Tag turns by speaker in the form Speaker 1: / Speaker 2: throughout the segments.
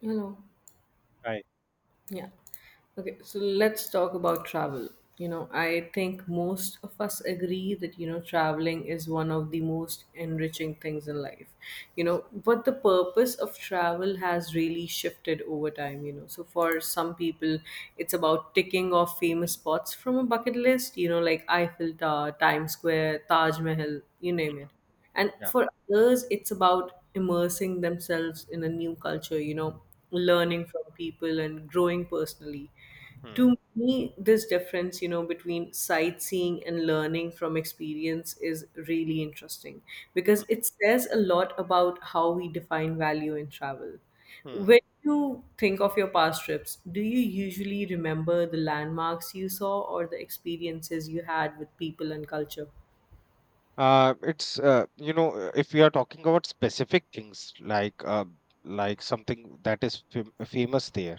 Speaker 1: Hello.
Speaker 2: Right.
Speaker 1: Yeah. Okay, so let's talk about travel. I think most of us agree that, traveling is one of the most enriching things in life. But the purpose of travel has really shifted over time. So for some people, it's about ticking off famous spots from a bucket list, like Eiffel Tower, Times Square, Taj Mahal, you name it, and
Speaker 2: Yeah.
Speaker 1: for others it's about immersing themselves in a new culture, learning from people and growing personally. To
Speaker 2: Hmm.
Speaker 1: me, this difference, between sightseeing and learning from experience is really interesting,
Speaker 2: Hmm.
Speaker 1: because it says a lot about how we define value in travel.
Speaker 2: Hmm.
Speaker 1: When you think of your past trips, do you usually remember the landmarks you saw or the experiences you had with people and culture?
Speaker 2: If we are talking about specific things like something that is famous there,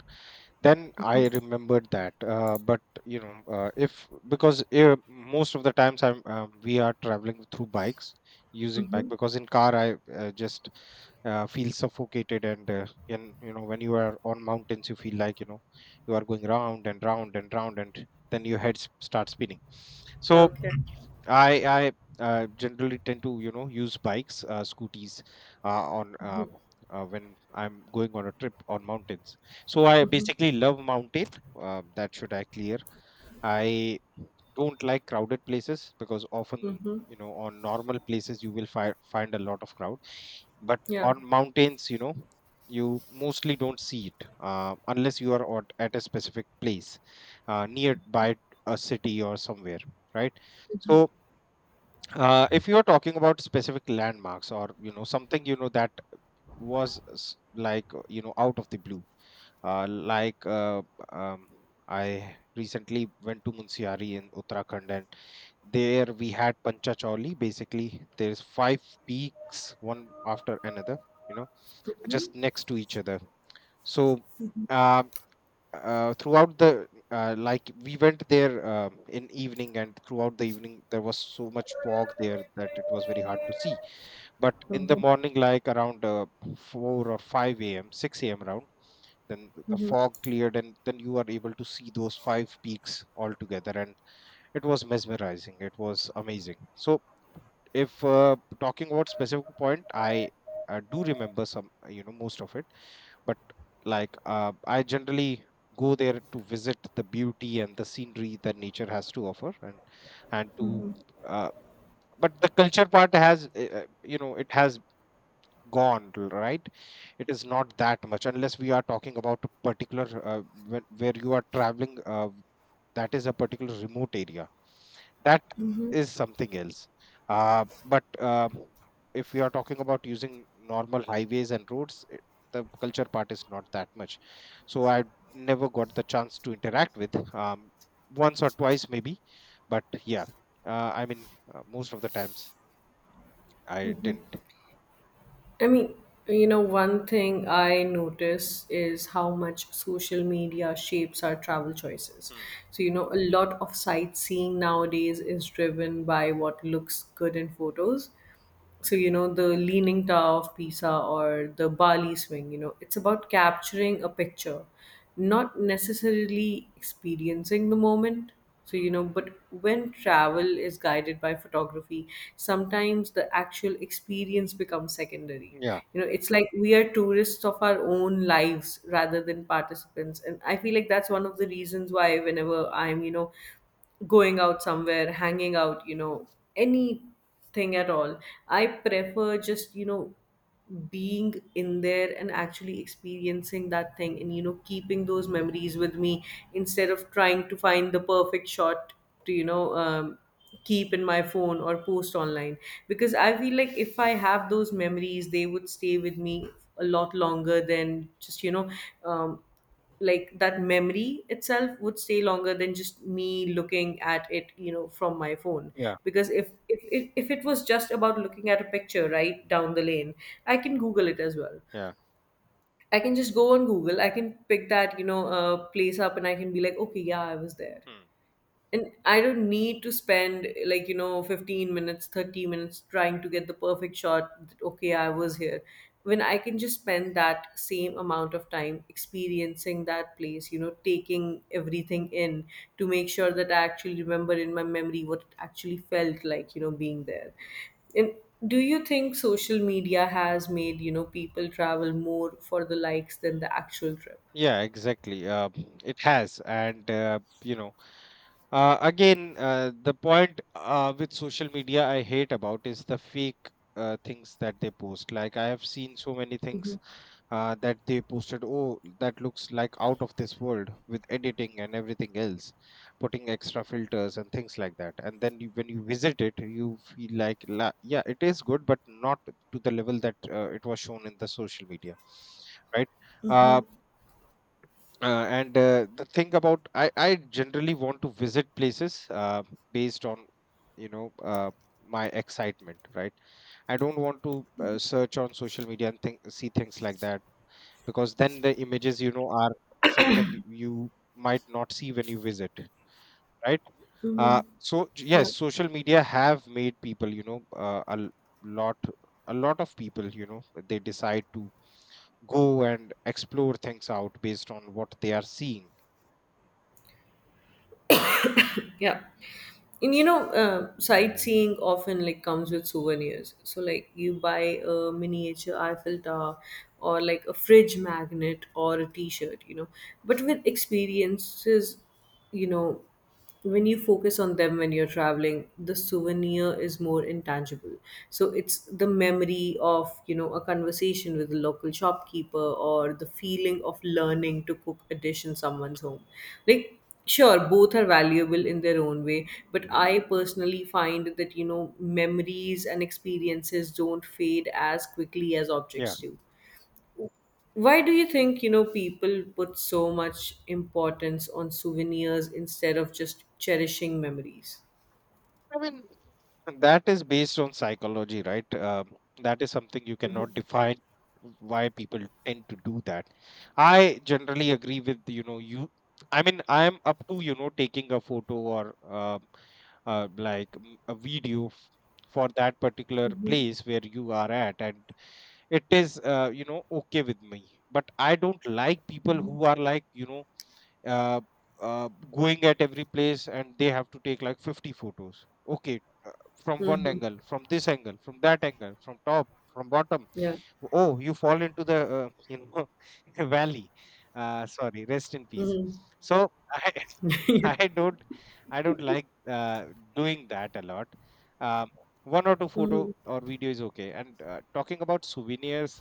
Speaker 2: then I remembered that. But you know, if because most of the times I'm we are traveling through bikes using bike
Speaker 1: Hmm.
Speaker 2: because in car I just feel suffocated and you know when you are on mountains you feel like you know you are going round and round and round and then your head starts spinning. So
Speaker 1: Okay.
Speaker 2: I I generally tend to you know use bikes, scooties, on when I'm going on a trip on mountains. So I
Speaker 1: Mhm.
Speaker 2: basically love mountain. That should I clear. I don't like crowded places because often
Speaker 1: Mm-hmm.
Speaker 2: you know on normal places you will find a lot of crowd, but
Speaker 1: Yeah.
Speaker 2: on mountains you know you mostly don't see it unless you are at a specific place nearby a city or somewhere, right? So if you are talking about specific landmarks or you know something you know that was you know out of the blue, uh, like uh, um, I recently went to Munsiari in Uttarakhand, and there we had Panchacholi. Basically, there's five peaks one after another. You know, just next to each other. So. um Throughout the like we went there in evening and throughout the evening there was so much fog there that it was very hard to see, but in the
Speaker 1: Mhm.
Speaker 2: morning like around 4 or 5 a.m, 6 a.m around, then the fog cleared and then you are able to see those five peaks all together, and it was mesmerizing, it was amazing. So if talking about specific point, I do remember some, you know, most of it, but I generally go there to visit the beauty and the scenery that nature has to offer, and to uh, but the culture part has you know it has gone, right? It is not that much unless we are talking about a particular where you are traveling, that is a particular remote area, that is something else. But If we are talking about using normal highways and roads, the culture part is not that much. So I never got the chance to interact with, once or twice maybe, but yeah, most of the times I didn't.
Speaker 1: I mean, one thing I notice is how much social media shapes our travel choices.
Speaker 2: Hmm.
Speaker 1: So, a lot of sightseeing nowadays is driven by what looks good in photos. So, the leaning tower of pisa or the bali swing, it's about capturing a picture, not necessarily experiencing the moment. So, but when travel is guided by photography, sometimes the actual experience becomes secondary.
Speaker 2: Yeah,
Speaker 1: It's like we are tourists of our own lives rather than participants, and I feel like that's one of the reasons why whenever I'm, going out somewhere, hanging out, any thing at all. I prefer just, being in there and actually experiencing that thing, and, keeping those memories with me, instead of trying to find the perfect shot to, keep in my phone or post online. Because I feel like if I have those memories, they would stay with me a lot longer than just, um, like that memory itself would stay longer than just me looking at it from my phone.
Speaker 2: yeah,
Speaker 1: Because if it was just about looking at a picture right down the lane, I can google it as well.
Speaker 2: yeah.
Speaker 1: I can just go on google, I can pick that, place up, and I can be like, okay, yeah, I was there.
Speaker 2: Hmm.
Speaker 1: And I don't need to spend like, 15 minutes, 30 minutes trying to get the perfect shot, that, okay, I was here. When I can just spend that same amount of time experiencing that place, taking everything in, to make sure that I actually remember in my memory what it actually felt like, being there. And do you think social media has made, people travel more for the likes than the actual trip?
Speaker 2: Yeah, exactly. It has, and you know. The point with social media I hate about is the fake things that they post. Like I have seen so many
Speaker 1: Mm-hmm.
Speaker 2: things that they posted. Oh, that looks like out of this world with editing and everything else, putting extra filters and things like that. And then you, when you visit it, you feel like, yeah, it is good, but not to the level that it was shown in the social media, right? Uh,
Speaker 1: Mm-hmm.
Speaker 2: and The thing about I generally want to visit places based on you know my excitement, right? I don't want to search on social media and see things like that, because then the images you know are something you might not see when you visit, right? uh,
Speaker 1: Mm-hmm.
Speaker 2: so j- yes,
Speaker 1: Yeah.
Speaker 2: social media have made people you know lot a lot of people you know they decide to go and explore things out based on what they are seeing.
Speaker 1: Yeah. And sightseeing often like comes with souvenirs, so like you buy a miniature eiffel tower or like a fridge magnet or a t-shirt. But with experiences, you know when you focus on them, when you're traveling, the souvenir is more intangible. So it's the memory of, a conversation with a local shopkeeper or the feeling of learning to cook a dish in someone's home, like. Sure, both are valuable in their own way, but I personally find that, memories and experiences don't fade as quickly as
Speaker 2: Yeah.
Speaker 1: objects do. Why do you think, people put so much importance on souvenirs instead of just cherishing memories?
Speaker 2: I mean, that is based on psychology, right? That is something you cannot define why people tend to do that. I generally agree with, you know, you. I mean, I'm up to, you know, taking a photo or a video for that particular
Speaker 1: Mm-hmm.
Speaker 2: place where you are at, and it is you know okay with me, but I don't like people who are like you know uh, uh, going at every place and they have to take like 50 photos, okay, from one
Speaker 1: Mm-hmm.
Speaker 2: angle, from this angle, from that angle, from top, from bottom.
Speaker 1: Yeah.
Speaker 2: Oh, you fall into the you know valley. Sorry, rest in peace.
Speaker 1: Mm-hmm.
Speaker 2: So i
Speaker 1: Yeah.
Speaker 2: i don't, I don't like doing that a lot. um, One or two photo
Speaker 1: Mm-hmm.
Speaker 2: or video is okay. And talking about souvenirs,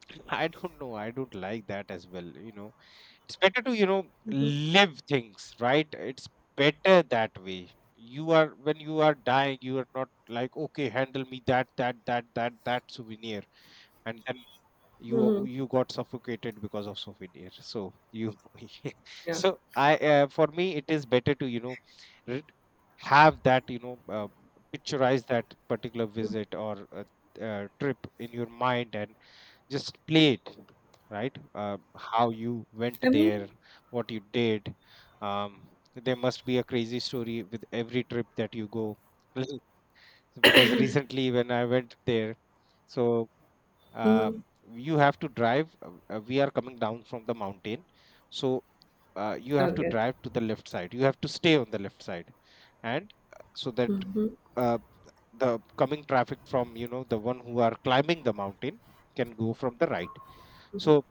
Speaker 2: I don't know, I don't like that as well, you know. It's better to you know live things, right? It's better that way. You are when you are dying you are not like, okay, handle me that souvenir, and then you
Speaker 1: Hmm.
Speaker 2: you got suffocated because of souvenir, so you
Speaker 1: Yeah.
Speaker 2: so I for me it is better to you know re- have that you know picturize that particular visit or trip in your mind and just play it, right? How you went
Speaker 1: I mean,
Speaker 2: there, what you did. um, there must be a crazy story with every trip that you go. Because recently when I went there, so uh,
Speaker 1: mm-hmm.
Speaker 2: you have to drive, we are coming down from the mountain, so you have to
Speaker 1: Okay.
Speaker 2: drive to the left side, you have to stay on the left side. And so that
Speaker 1: Mm-hmm.
Speaker 2: uh, the coming traffic from you know the one who are climbing the mountain can go from the right. So.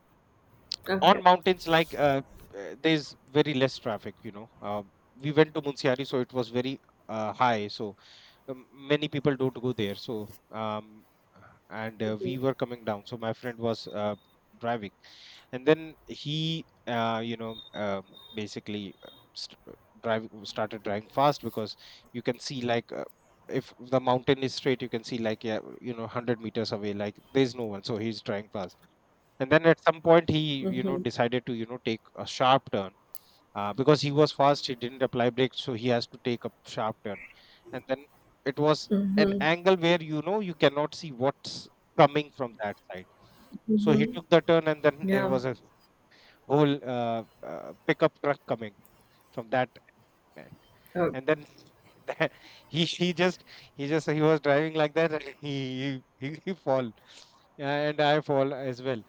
Speaker 2: On
Speaker 1: Okay.
Speaker 2: mountains like there's very less traffic, you know. We went to Munsiari, so it was very high, so many people don't go there, so and we were coming down, so my friend was driving. And then he you know basically st- drive started driving fast, because you can see like if the mountain is straight you can see like yeah you know 100 meters away like there's no one, so he's driving fast. And then at some point he you know decided to you know take a sharp turn. Because he was fast he didn't apply brakes, so he has to take a sharp turn. And then it was an angle where you know you cannot see what's coming from that side. So he took the turn and then there
Speaker 1: Yeah.
Speaker 2: was a whole pickup truck coming from that end.
Speaker 1: Oh.
Speaker 2: And then that, he just, he was driving like that, and he fall. Yeah, and I fall as well.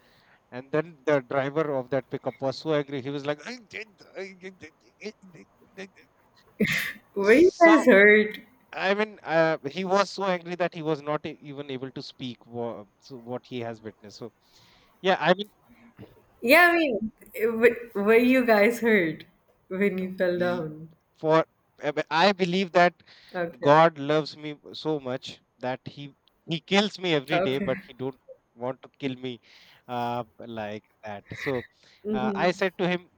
Speaker 2: And then the driver of that pickup was so angry. He was like, I did- I did."
Speaker 1: Why you
Speaker 2: So
Speaker 1: guys hurt?
Speaker 2: I mean, he was so angry that he was not even able to speak so what he has witnessed. So yeah, I mean,
Speaker 1: Yeah, I mean, w were you
Speaker 2: no,
Speaker 1: guys hurt when
Speaker 2: no,
Speaker 1: you fell
Speaker 2: we
Speaker 1: down?
Speaker 2: for I believe that
Speaker 1: Okay.
Speaker 2: God loves me so much that he kills me every day,
Speaker 1: Okay.
Speaker 2: but he don't want to kill me like that. So I
Speaker 1: Mm-hmm.
Speaker 2: said to him,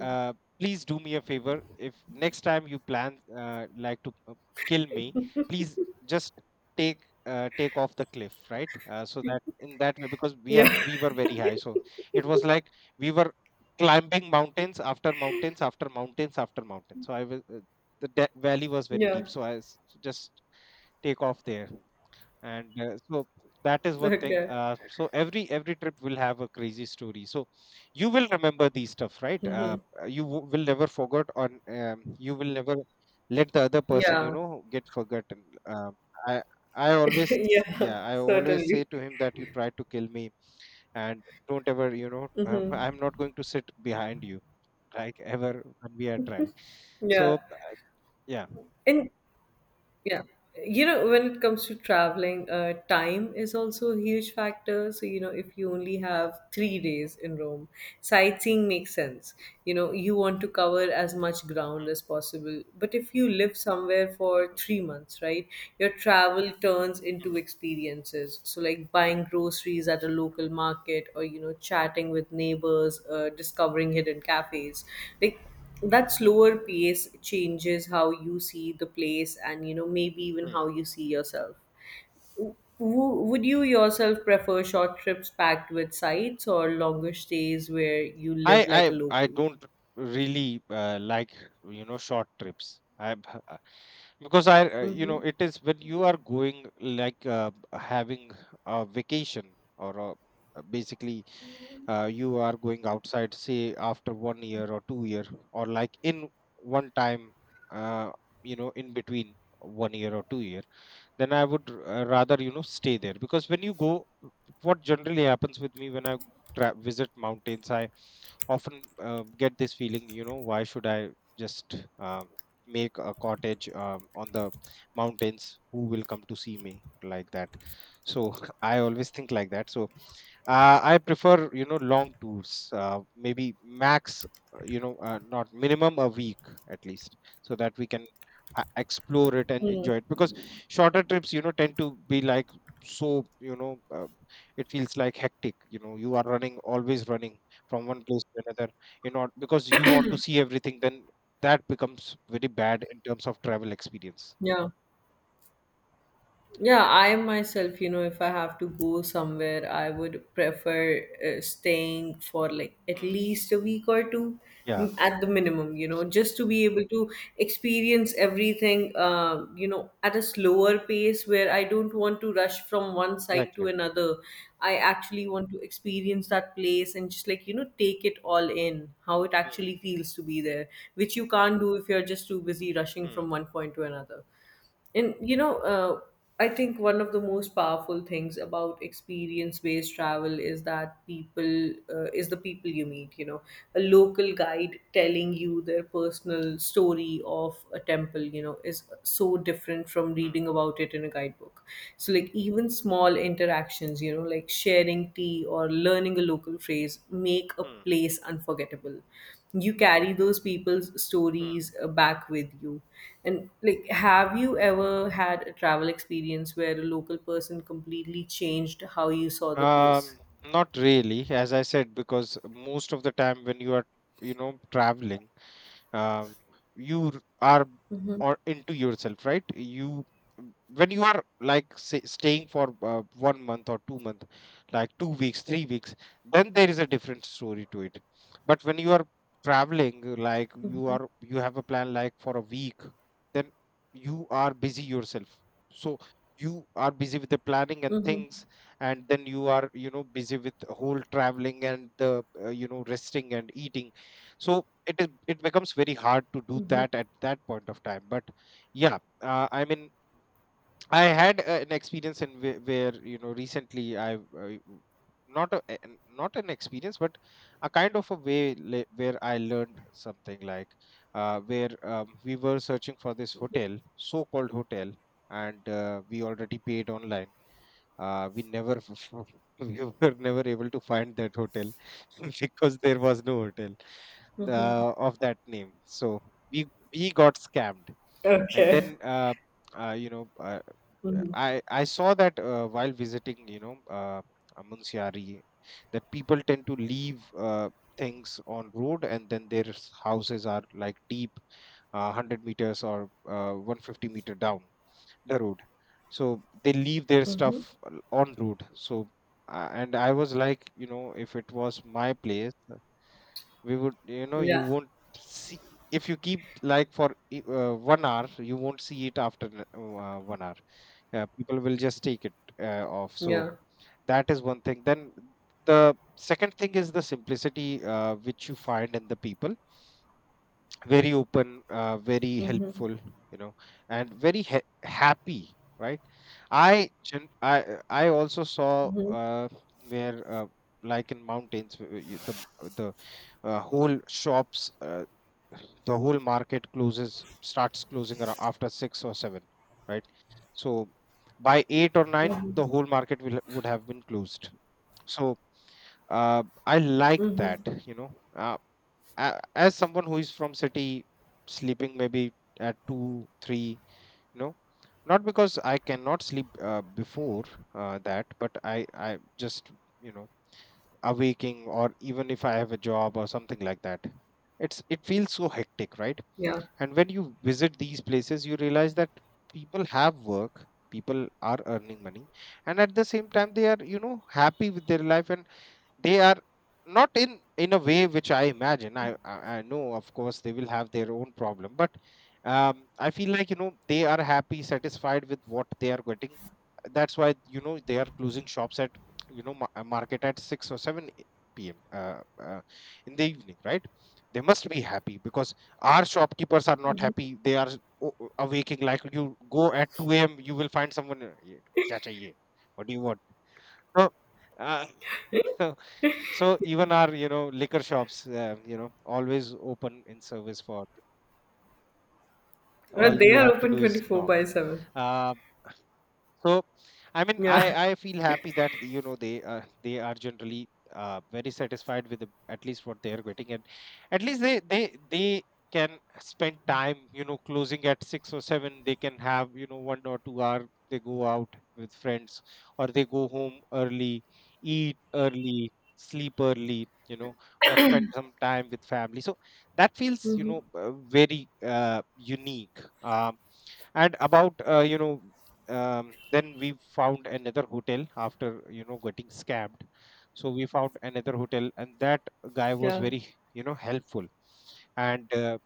Speaker 2: uh, please do me a favor. If next time you plan to kill me, please just take off the cliff, right? So that in that way, because
Speaker 1: Yeah.
Speaker 2: we were very high, so it was like we were climbing mountains after mountains after mountains after mountains. So I was valley was very deep,
Speaker 1: Yeah.
Speaker 2: so I just take off there. And so that is one thing.
Speaker 1: Okay.
Speaker 2: So every trip will have a crazy story, so you will remember these stuff, right?
Speaker 1: Mm-hmm.
Speaker 2: You will never forget on you will never let the other person you
Speaker 1: Yeah.
Speaker 2: know get forgotten. Um, i i always,
Speaker 1: Yeah,
Speaker 2: yeah, I always say
Speaker 1: certainly.
Speaker 2: to him that you tried to kill me, and don't ever you know
Speaker 1: Mm-hmm.
Speaker 2: I'm not going to sit behind you like ever when we are driving.
Speaker 1: Yeah.
Speaker 2: So yeah.
Speaker 1: And. Yeah. You know, when it comes to traveling, time is also a huge factor. So, if you only have 3 days in Rome, sightseeing makes sense. You know, you want to cover as much ground as possible. But if you live somewhere for
Speaker 2: Mhm,
Speaker 1: 3 months, right, your travel turns into
Speaker 2: mhm,
Speaker 1: experiences. So, like buying groceries at a local
Speaker 2: mhm,
Speaker 1: market, or, chatting with neighbors, discovering hidden cafes. Like, that slower pace changes how you see the place and maybe even how
Speaker 2: mhm.
Speaker 1: you see yourself. Would you yourself prefer short trips packed with sights or longer stays where you
Speaker 2: I
Speaker 1: live like
Speaker 2: I
Speaker 1: a
Speaker 2: I
Speaker 1: local?
Speaker 2: don't really like you know short trips. Because I you know
Speaker 1: Mm-hmm.
Speaker 2: it is when you are going like having a vacation or basically you are going outside say after 1 year or 2 year, or like in one time, uh, you know in between 1 year or 2 year, then I would rather you know stay there. Because when you go, what generally happens with me when I visit mountains I often get this feeling, you know, why should I just make a cottage on the mountains? Who will come to see me like that? So I always think like that. So I prefer, long tours, maybe max, not minimum a week at least, so that we can explore it and enjoy it. Because shorter trips, tend to be like so, it feels like hectic. You are running, always running from one place to another, because you want to see everything. Then that becomes very bad in terms of travel experience.
Speaker 1: Yeah. Yeah, I myself, if I have to go somewhere, I would prefer staying for like at
Speaker 2: Hmm.
Speaker 1: least a week or two,
Speaker 2: Yeah,
Speaker 1: at the minimum, just to be able to experience everything, at a slower pace where I don't want to rush from one side to
Speaker 2: exactly.
Speaker 1: another. I actually want to experience that place and just like, take it all in, how it
Speaker 2: Hmm.
Speaker 1: actually feels to be there, which you can't do if you're just too busy rushing
Speaker 2: Hmm.
Speaker 1: from one point to another. And I think one of the most powerful things about experience-based travel is that people is the people you meet. You know, a local guide telling you their personal story of a temple, is so different from
Speaker 2: Hmm.
Speaker 1: reading about it in a guidebook. So, like, even small interactions, like sharing tea or learning a local phrase, make a
Speaker 2: Hmm.
Speaker 1: place unforgettable. You carry those people's
Speaker 2: Hmm.
Speaker 1: stories back with you. And like, have you ever had a travel experience where a local person completely changed how you saw the
Speaker 2: um
Speaker 1: place?
Speaker 2: not really, as I said, because most of the time when you are traveling, um, you are or into yourself, right? You, when you are, like, say, staying for 1 month or 2 month, like 2 weeks 3 weeks, then there is a different story to it. But when you are traveling, like you
Speaker 1: Mm-hmm.
Speaker 2: are, you have a plan, like for a week. Then you are busy yourself. So you are busy with the planning and things, and then you are busy with the whole traveling and the resting and eating. So it is, it becomes very hard to do
Speaker 1: Mm-hmm.
Speaker 2: that at that point of time. But yeah, I mean, I had an experience in where recently I not a, not an experience, but a kind of a way, where I learned something, like where we were searching for this hotel, so called hotel, and we already paid online. We never we were never able to find that hotel because there was no hotel the
Speaker 1: Mm-hmm.
Speaker 2: of that name. So we we got scammed, and
Speaker 1: Okay.
Speaker 2: then uh, you know uh,
Speaker 1: Mm-hmm.
Speaker 2: I saw that, while visiting Munsiari, that people tend to leave things on road, and then their houses are like deep 100 meters or 150-meter down the road. So they leave their stuff on road. So And I was like, if it was my place, we would, you
Speaker 1: Yeah.
Speaker 2: won't see, if you keep like for 1 hour, you won't see it after 1 hour, people will just take it off. So
Speaker 1: Yeah.
Speaker 2: that is one thing. Then the second thing is the simplicity, which you find in the people. Very open, very helpful, you know and very happy, right? I gen- I I also saw, uh, where like in mountains, the whole shops, the whole market closes, starts closing around after 6 or 7, right? So by 8 or 9 the whole market will would have been closed. So I like that, you know uh, as someone who is from city, sleeping maybe at 2, 3, you know not because I cannot sleep before that, but I just, you know awaking, or even if I have a job or something like that, it's, it feels so hectic, right?
Speaker 1: Yeah.
Speaker 2: And when you visit these places, you realize that people have work, people are earning money, and at the same time, they are, happy with their life, and they are not, in a way which I imagine, I know of course they will have their own problem, but I feel like, they are happy, satisfied with what they are getting. That's why, they are closing shops at, market at 6 or 7 p.m., in the evening, right? They must be happy because our shopkeepers are not happy. They are awaking, like you go at 2 a.m., you will find someone, "Ye- kya chahiye? What do you want?" So uh, So even our, liquor shops, always open in service for,
Speaker 1: Well,
Speaker 2: all
Speaker 1: they
Speaker 2: you
Speaker 1: are
Speaker 2: have to
Speaker 1: open
Speaker 2: do is
Speaker 1: 24 by
Speaker 2: knock.
Speaker 1: 7.
Speaker 2: Uh, so I mean,
Speaker 1: Yeah.
Speaker 2: I feel happy that, they are generally, very satisfied with the, at least what they are getting, and at least they they can spend time, closing at 6 or 7 they can have, 1 or 2 hour. They go out with friends, or they go home early, eat early, sleep early, you know or spend some time with family. So that feels, very, uh, unique. Um, and about, then we found another hotel after, getting scammed. So we found another hotel, and that guy was
Speaker 1: Yeah.
Speaker 2: very, helpful. And uh,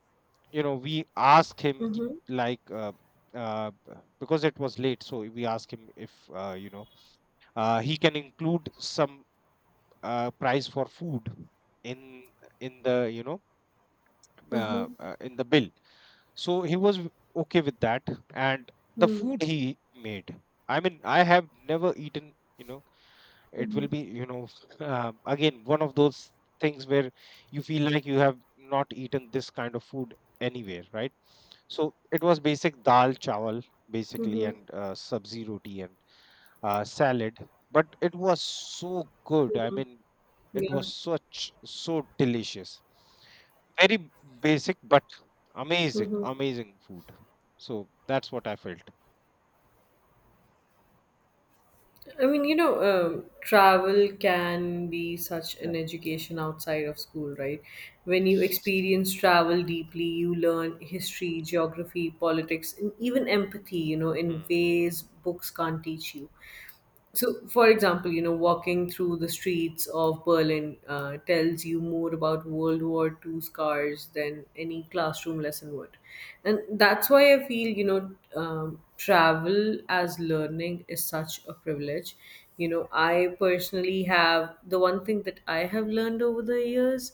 Speaker 2: you know we asked him, ki-,
Speaker 1: Mm-hmm.
Speaker 2: like, uh, b- because it was late, so we asked him if, he can include some, price for food, in in the,
Speaker 1: Mm-hmm.
Speaker 2: in the bill. So he was okay with that, and the
Speaker 1: Mm-hmm.
Speaker 2: food he made, I mean, I have never eaten, it will be, again one of those things where you feel like you have not eaten this kind of food anywhere, right? So it was basic dal chawal, basically,
Speaker 1: Mm-hmm.
Speaker 2: and sabzi roti, salad, but it was so good. I mean, it
Speaker 1: Yeah.
Speaker 2: was such so delicious. Very basic, but amazing, amazing food. So that's what I felt.
Speaker 1: I mean, travel can be such
Speaker 2: Yeah.
Speaker 1: an education outside of school, right? When you experience travel deeply, you learn history, geography, politics, and even empathy, in
Speaker 2: Hmm.
Speaker 1: ways books can't teach you. So, for example, walking through the streets of Berlin tells you more about World War II scars than any classroom lesson would. And that's why I feel, travel as learning is such a privilege. You know, I personally have the one thing that I have learned over the years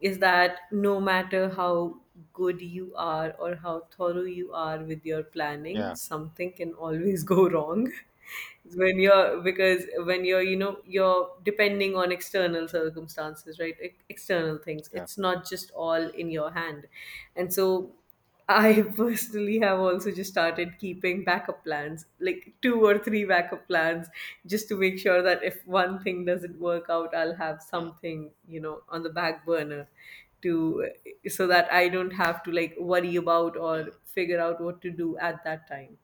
Speaker 1: is that no matter how good you are or how thorough you are with your planning,
Speaker 2: Yeah,
Speaker 1: something can always go wrong. When you're, you're depending on external circumstances, right? External things,
Speaker 2: yeah.
Speaker 1: it's not just all in your hand. And so I personally have also just started keeping backup plans, like two or three backup plans, just to make sure that if one thing doesn't work out, I'll have
Speaker 2: Hmm.
Speaker 1: something, on the back burner, to, so that I don't have to like worry about or
Speaker 2: Hmm.
Speaker 1: figure out what to do at that time.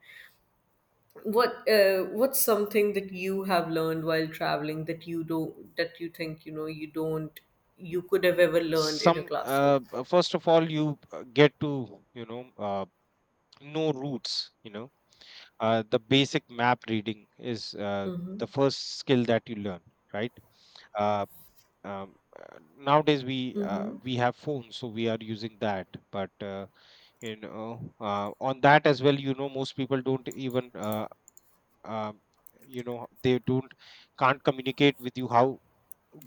Speaker 1: What's something that you have learned while traveling that you don't that you think, you don't you could have ever learned in a
Speaker 2: Some,
Speaker 1: classroom?
Speaker 2: first of all, you get to, know roots. You know, the basic map reading is,
Speaker 1: Mm-hmm.
Speaker 2: the first skill that you learn, right? Uh, Nowadays we have phones, so we are using that, but on that as well, most people don't even um, they don't, can't communicate with you how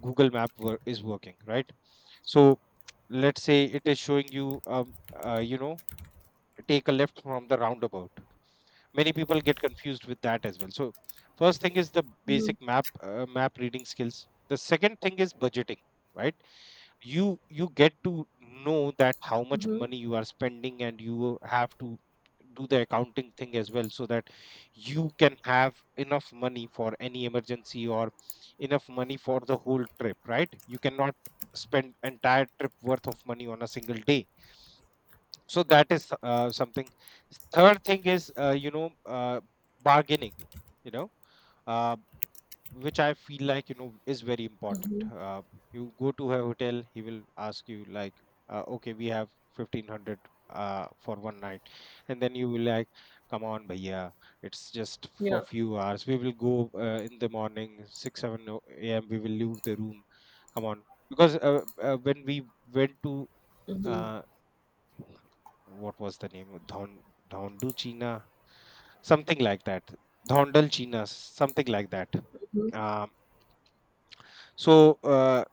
Speaker 2: google map is working, right? So let's say it is showing you, you know take a left from the roundabout. Many people get confused with that as well. So first thing is the basic map, map reading skills. The second thing is budgeting, right? You get to know that how much
Speaker 1: Mm-hmm.
Speaker 2: money you are spending, and you have to do the accounting thing as well, so that you can have enough money for any emergency, or enough money for the whole trip, right? You cannot spend entire trip worth of money on a single day. So that is, something. Third thing is, bargaining, you know uh, which I feel like, is very important.
Speaker 1: Mm-hmm.
Speaker 2: You go to a hotel, he will ask you like, "Okay, we have 1500, for 1 night," and then you will like, "Come on, bhaiya, it's just
Speaker 1: Yeah.
Speaker 2: for few hours. We will go, in the morning, 6 7 a.m. We will leave the room. Come on." Because, when we went to, uh, what was the name of Don, Dondu China, something like that, Dondal China, something like that.
Speaker 1: Mhm,
Speaker 2: Um, so,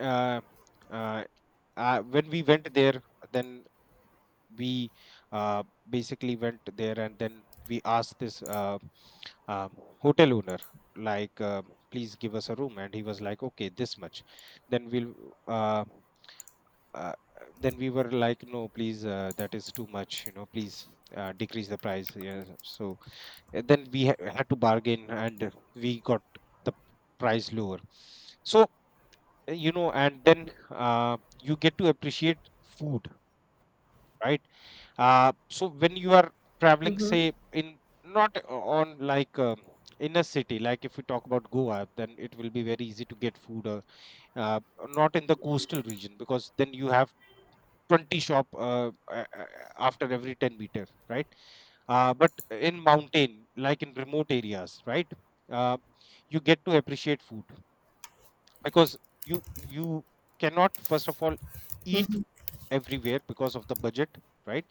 Speaker 2: uh, uh, when we went there, then we uh, basically went there, and then we asked this, um, hotel owner, like please give us a room, and he was like, okay this much, then we'll, uh, uh, then we were like, no please, that is too much, you know, please decrease the price, yeah. So then we had to bargain, and we got the price lower. So, and then you get to appreciate food, right? So when you are traveling,
Speaker 1: mhm,
Speaker 2: say, in, not on, like, inner city, like if we talk about goa, then it will be very easy to get food, uh, not in the coastal region, because then you have 20 shop, after every 10 meter, right? But in mountain, like in remote areas, right? Uh, you get to appreciate food, because you cannot, first of all, eat everywhere because of the budget, right?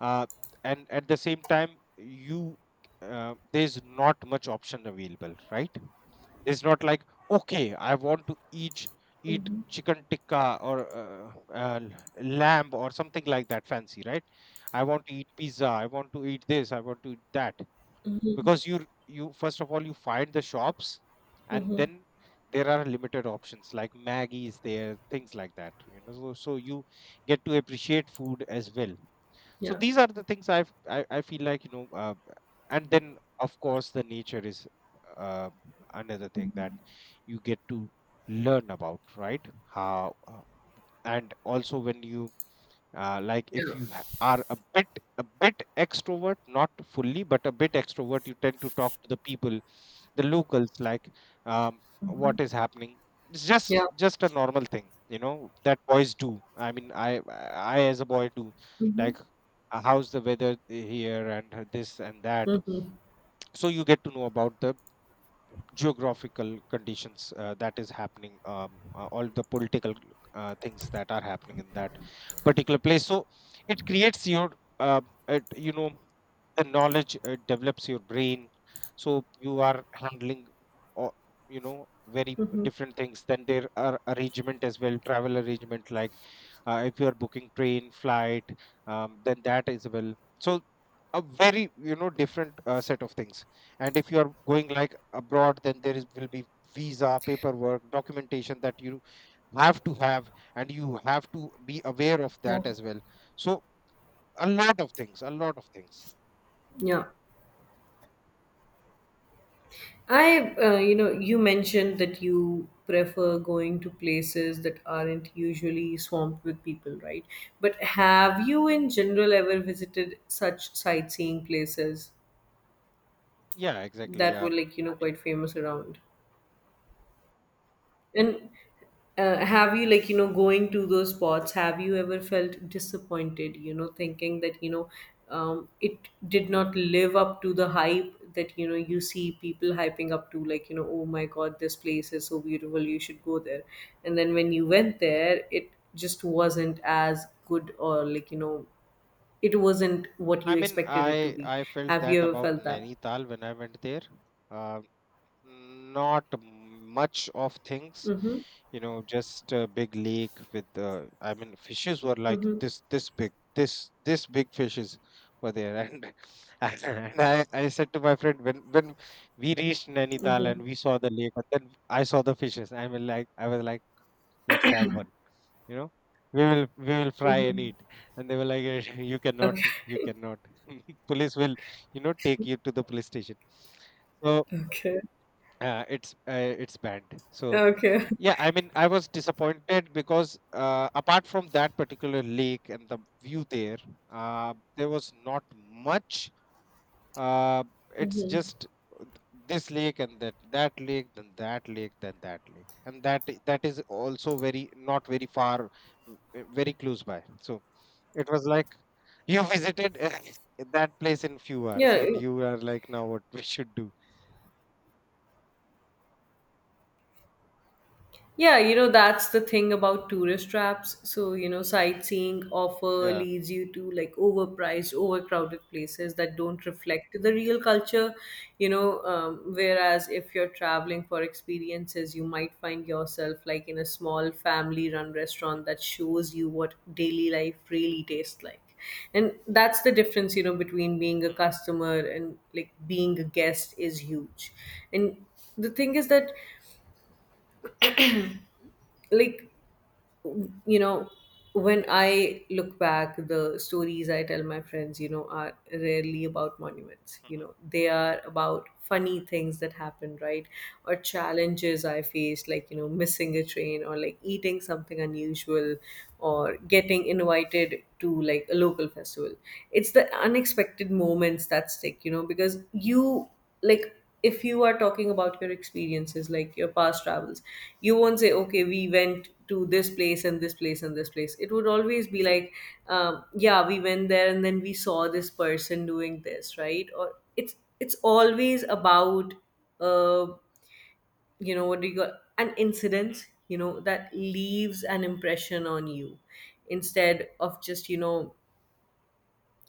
Speaker 2: uh, and at the same time, you, there's not much option available, right? It's not like, okay, I want to eat chicken tikka, or uh, lamb or something like that, fancy, right? I want to eat pizza, I want to eat this, I want to eat that,
Speaker 1: mhm,
Speaker 2: because you first of all you find the shops, and
Speaker 1: mhm.
Speaker 2: then there are limited options like maggie is there, things like that, you know. So you get to appreciate food as well. So
Speaker 1: Yeah,
Speaker 2: these are the things I've, I feel like, and then of course the nature is, uh, another thing that you get to learn about, right? How and also when you like, if
Speaker 1: yeah,
Speaker 2: you are a bit, extrovert, not fully but a bit extrovert, you tend to talk to the people, the locals, like, um, what is happening. It's just
Speaker 1: yeah,
Speaker 2: just a normal thing, you know, that boys do. I mean, I as a boy do, like, how's the weather here, and this and that. So you get to know about the geographical conditions, that is happening, all the political, things that are happening in that particular place. So it creates your, uh, it, you know, the knowledge, develops your brain. So you are handling, or you know, very different things. Then there are arrangement as well, travel arrangement, like if you are booking train flight, then that as well. So, a very, different set of things. And if you are going, like, abroad, then there is, will be visa paperwork documentation that you have to have, and you have to be aware of
Speaker 1: yeah,
Speaker 2: that as well. So, a lot of things, a lot of things.
Speaker 1: yeah. I, you mentioned that you prefer going to places that aren't usually swamped with people, right? But have you, in general, ever visited such sightseeing places
Speaker 2: Yeah, exactly.
Speaker 1: that were, like,
Speaker 2: I mean,
Speaker 1: quite famous around? And have you, like, going to those spots, have you ever felt disappointed, thinking that, it did not live up to the hype that, you see people hyping up to, like, oh my God, this place is so beautiful, you should go there. And then when you went there, it just wasn't as good or, like, it wasn't what you expected it to
Speaker 2: I
Speaker 1: be.
Speaker 2: I felt
Speaker 1: Have you
Speaker 2: that
Speaker 1: ever
Speaker 2: about
Speaker 1: felt that?
Speaker 2: Nainital when I went there. Uh, Not much of things,
Speaker 1: Mm-hmm.
Speaker 2: you know, just a big lake with, I mean, fishes were like
Speaker 1: Mm-hmm.
Speaker 2: this big, this big fishes were there, and and I said to my friend when we reached Nainital and
Speaker 1: Mm-hmm.
Speaker 2: we saw the lake, and then I saw the fishes. I mean, like, I was like, let's have one, you know. We will, fry and eat.
Speaker 1: Mm-hmm.
Speaker 2: And they were like, "Eh, you cannot, you
Speaker 1: Okay.
Speaker 2: cannot police will, you know, take you to the police station." So
Speaker 1: Okay.
Speaker 2: it's, it's banned. So
Speaker 1: Okay.
Speaker 2: yeah, I mean, I was disappointed because, apart from that particular lake and the view there, there was not much. Uh, it's just, uh, this lake and that lake, then that lake, then that lake, and that, that is also very, not very far, very close by. So it was like, you visited that place in few hours, and
Speaker 1: Yeah,
Speaker 2: you are like, now what we should do?
Speaker 1: yeah, that's the thing about tourist traps. So, sightseeing offer
Speaker 2: Yeah.
Speaker 1: leads you to like overpriced, overcrowded places that don't reflect the real culture. Whereas if you're traveling for experiences, you might find yourself like in a small family run restaurant that shows you what daily life really tastes like. And that's the difference, between being a
Speaker 2: Mm,
Speaker 1: customer and like being a guest is huge. And the thing is that, like, you know when I look back, the stories I tell my
Speaker 2: mm,
Speaker 1: friends, are rarely about monuments,
Speaker 2: mm.
Speaker 1: they are about funny things that happened, right? Or challenges I faced, like, missing a train or like eating something unusual, or getting invited to like a local festival. It's the unexpected moments that stick, because you, like, if you are talking about your experiences, like your past travels, you won't say, okay, we went to this place and this place and this place, it would always be like, yeah, we went there and then we saw this person doing this, right? Or it's always about, uh what do you call, an incident, that leaves an impression on you, instead of just,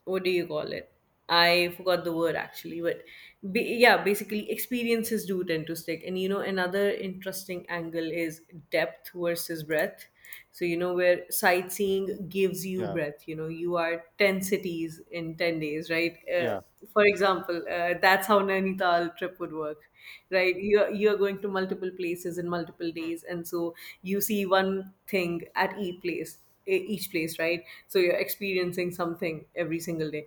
Speaker 1: what do you call it? I forgot the word actually, but yeah, basically experiences do tend to stick. And another interesting angle is depth versus breadth. So, where sightseeing gives you
Speaker 2: Yeah,
Speaker 1: breadth, you are 10 cities in 10 days, right?
Speaker 2: yeah.
Speaker 1: For example, that's how Nainital trip would work, right? You're going to multiple places in multiple
Speaker 2: Mm,
Speaker 1: days. And so you see one thing at each place, right, so you're experiencing something every single day,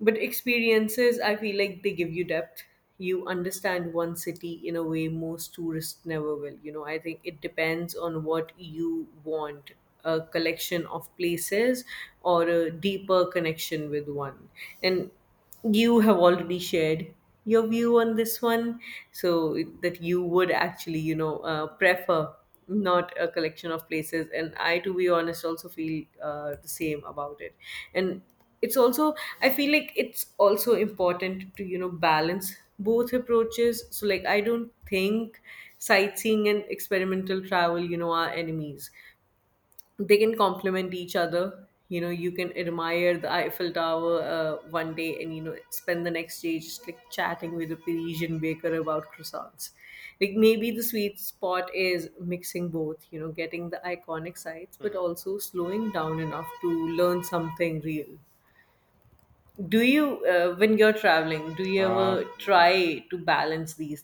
Speaker 1: but experiences, I feel like, they give you depth, you understand one city in a way most tourists never will, I think it depends on what you want, a collection of places or a deeper connection with one. And you have already shared your view on this one, so that you would actually, prefer not a collection of places, and I, to be honest, also feel the same about it. And it's also, I feel like it's also important to, balance both approaches, so like I don't think sightseeing and experimental travel, are enemies, they can complement each other, you can admire the eiffel tower one day and spend the next day just like chatting with a parisian baker about croissants. Like maybe the sweet spot is mixing both, getting the iconic sights, but
Speaker 2: mm.
Speaker 1: also slowing down enough to learn something real. Do you when you're traveling, do you
Speaker 2: Uh,
Speaker 1: ever
Speaker 2: no.
Speaker 1: try to balance these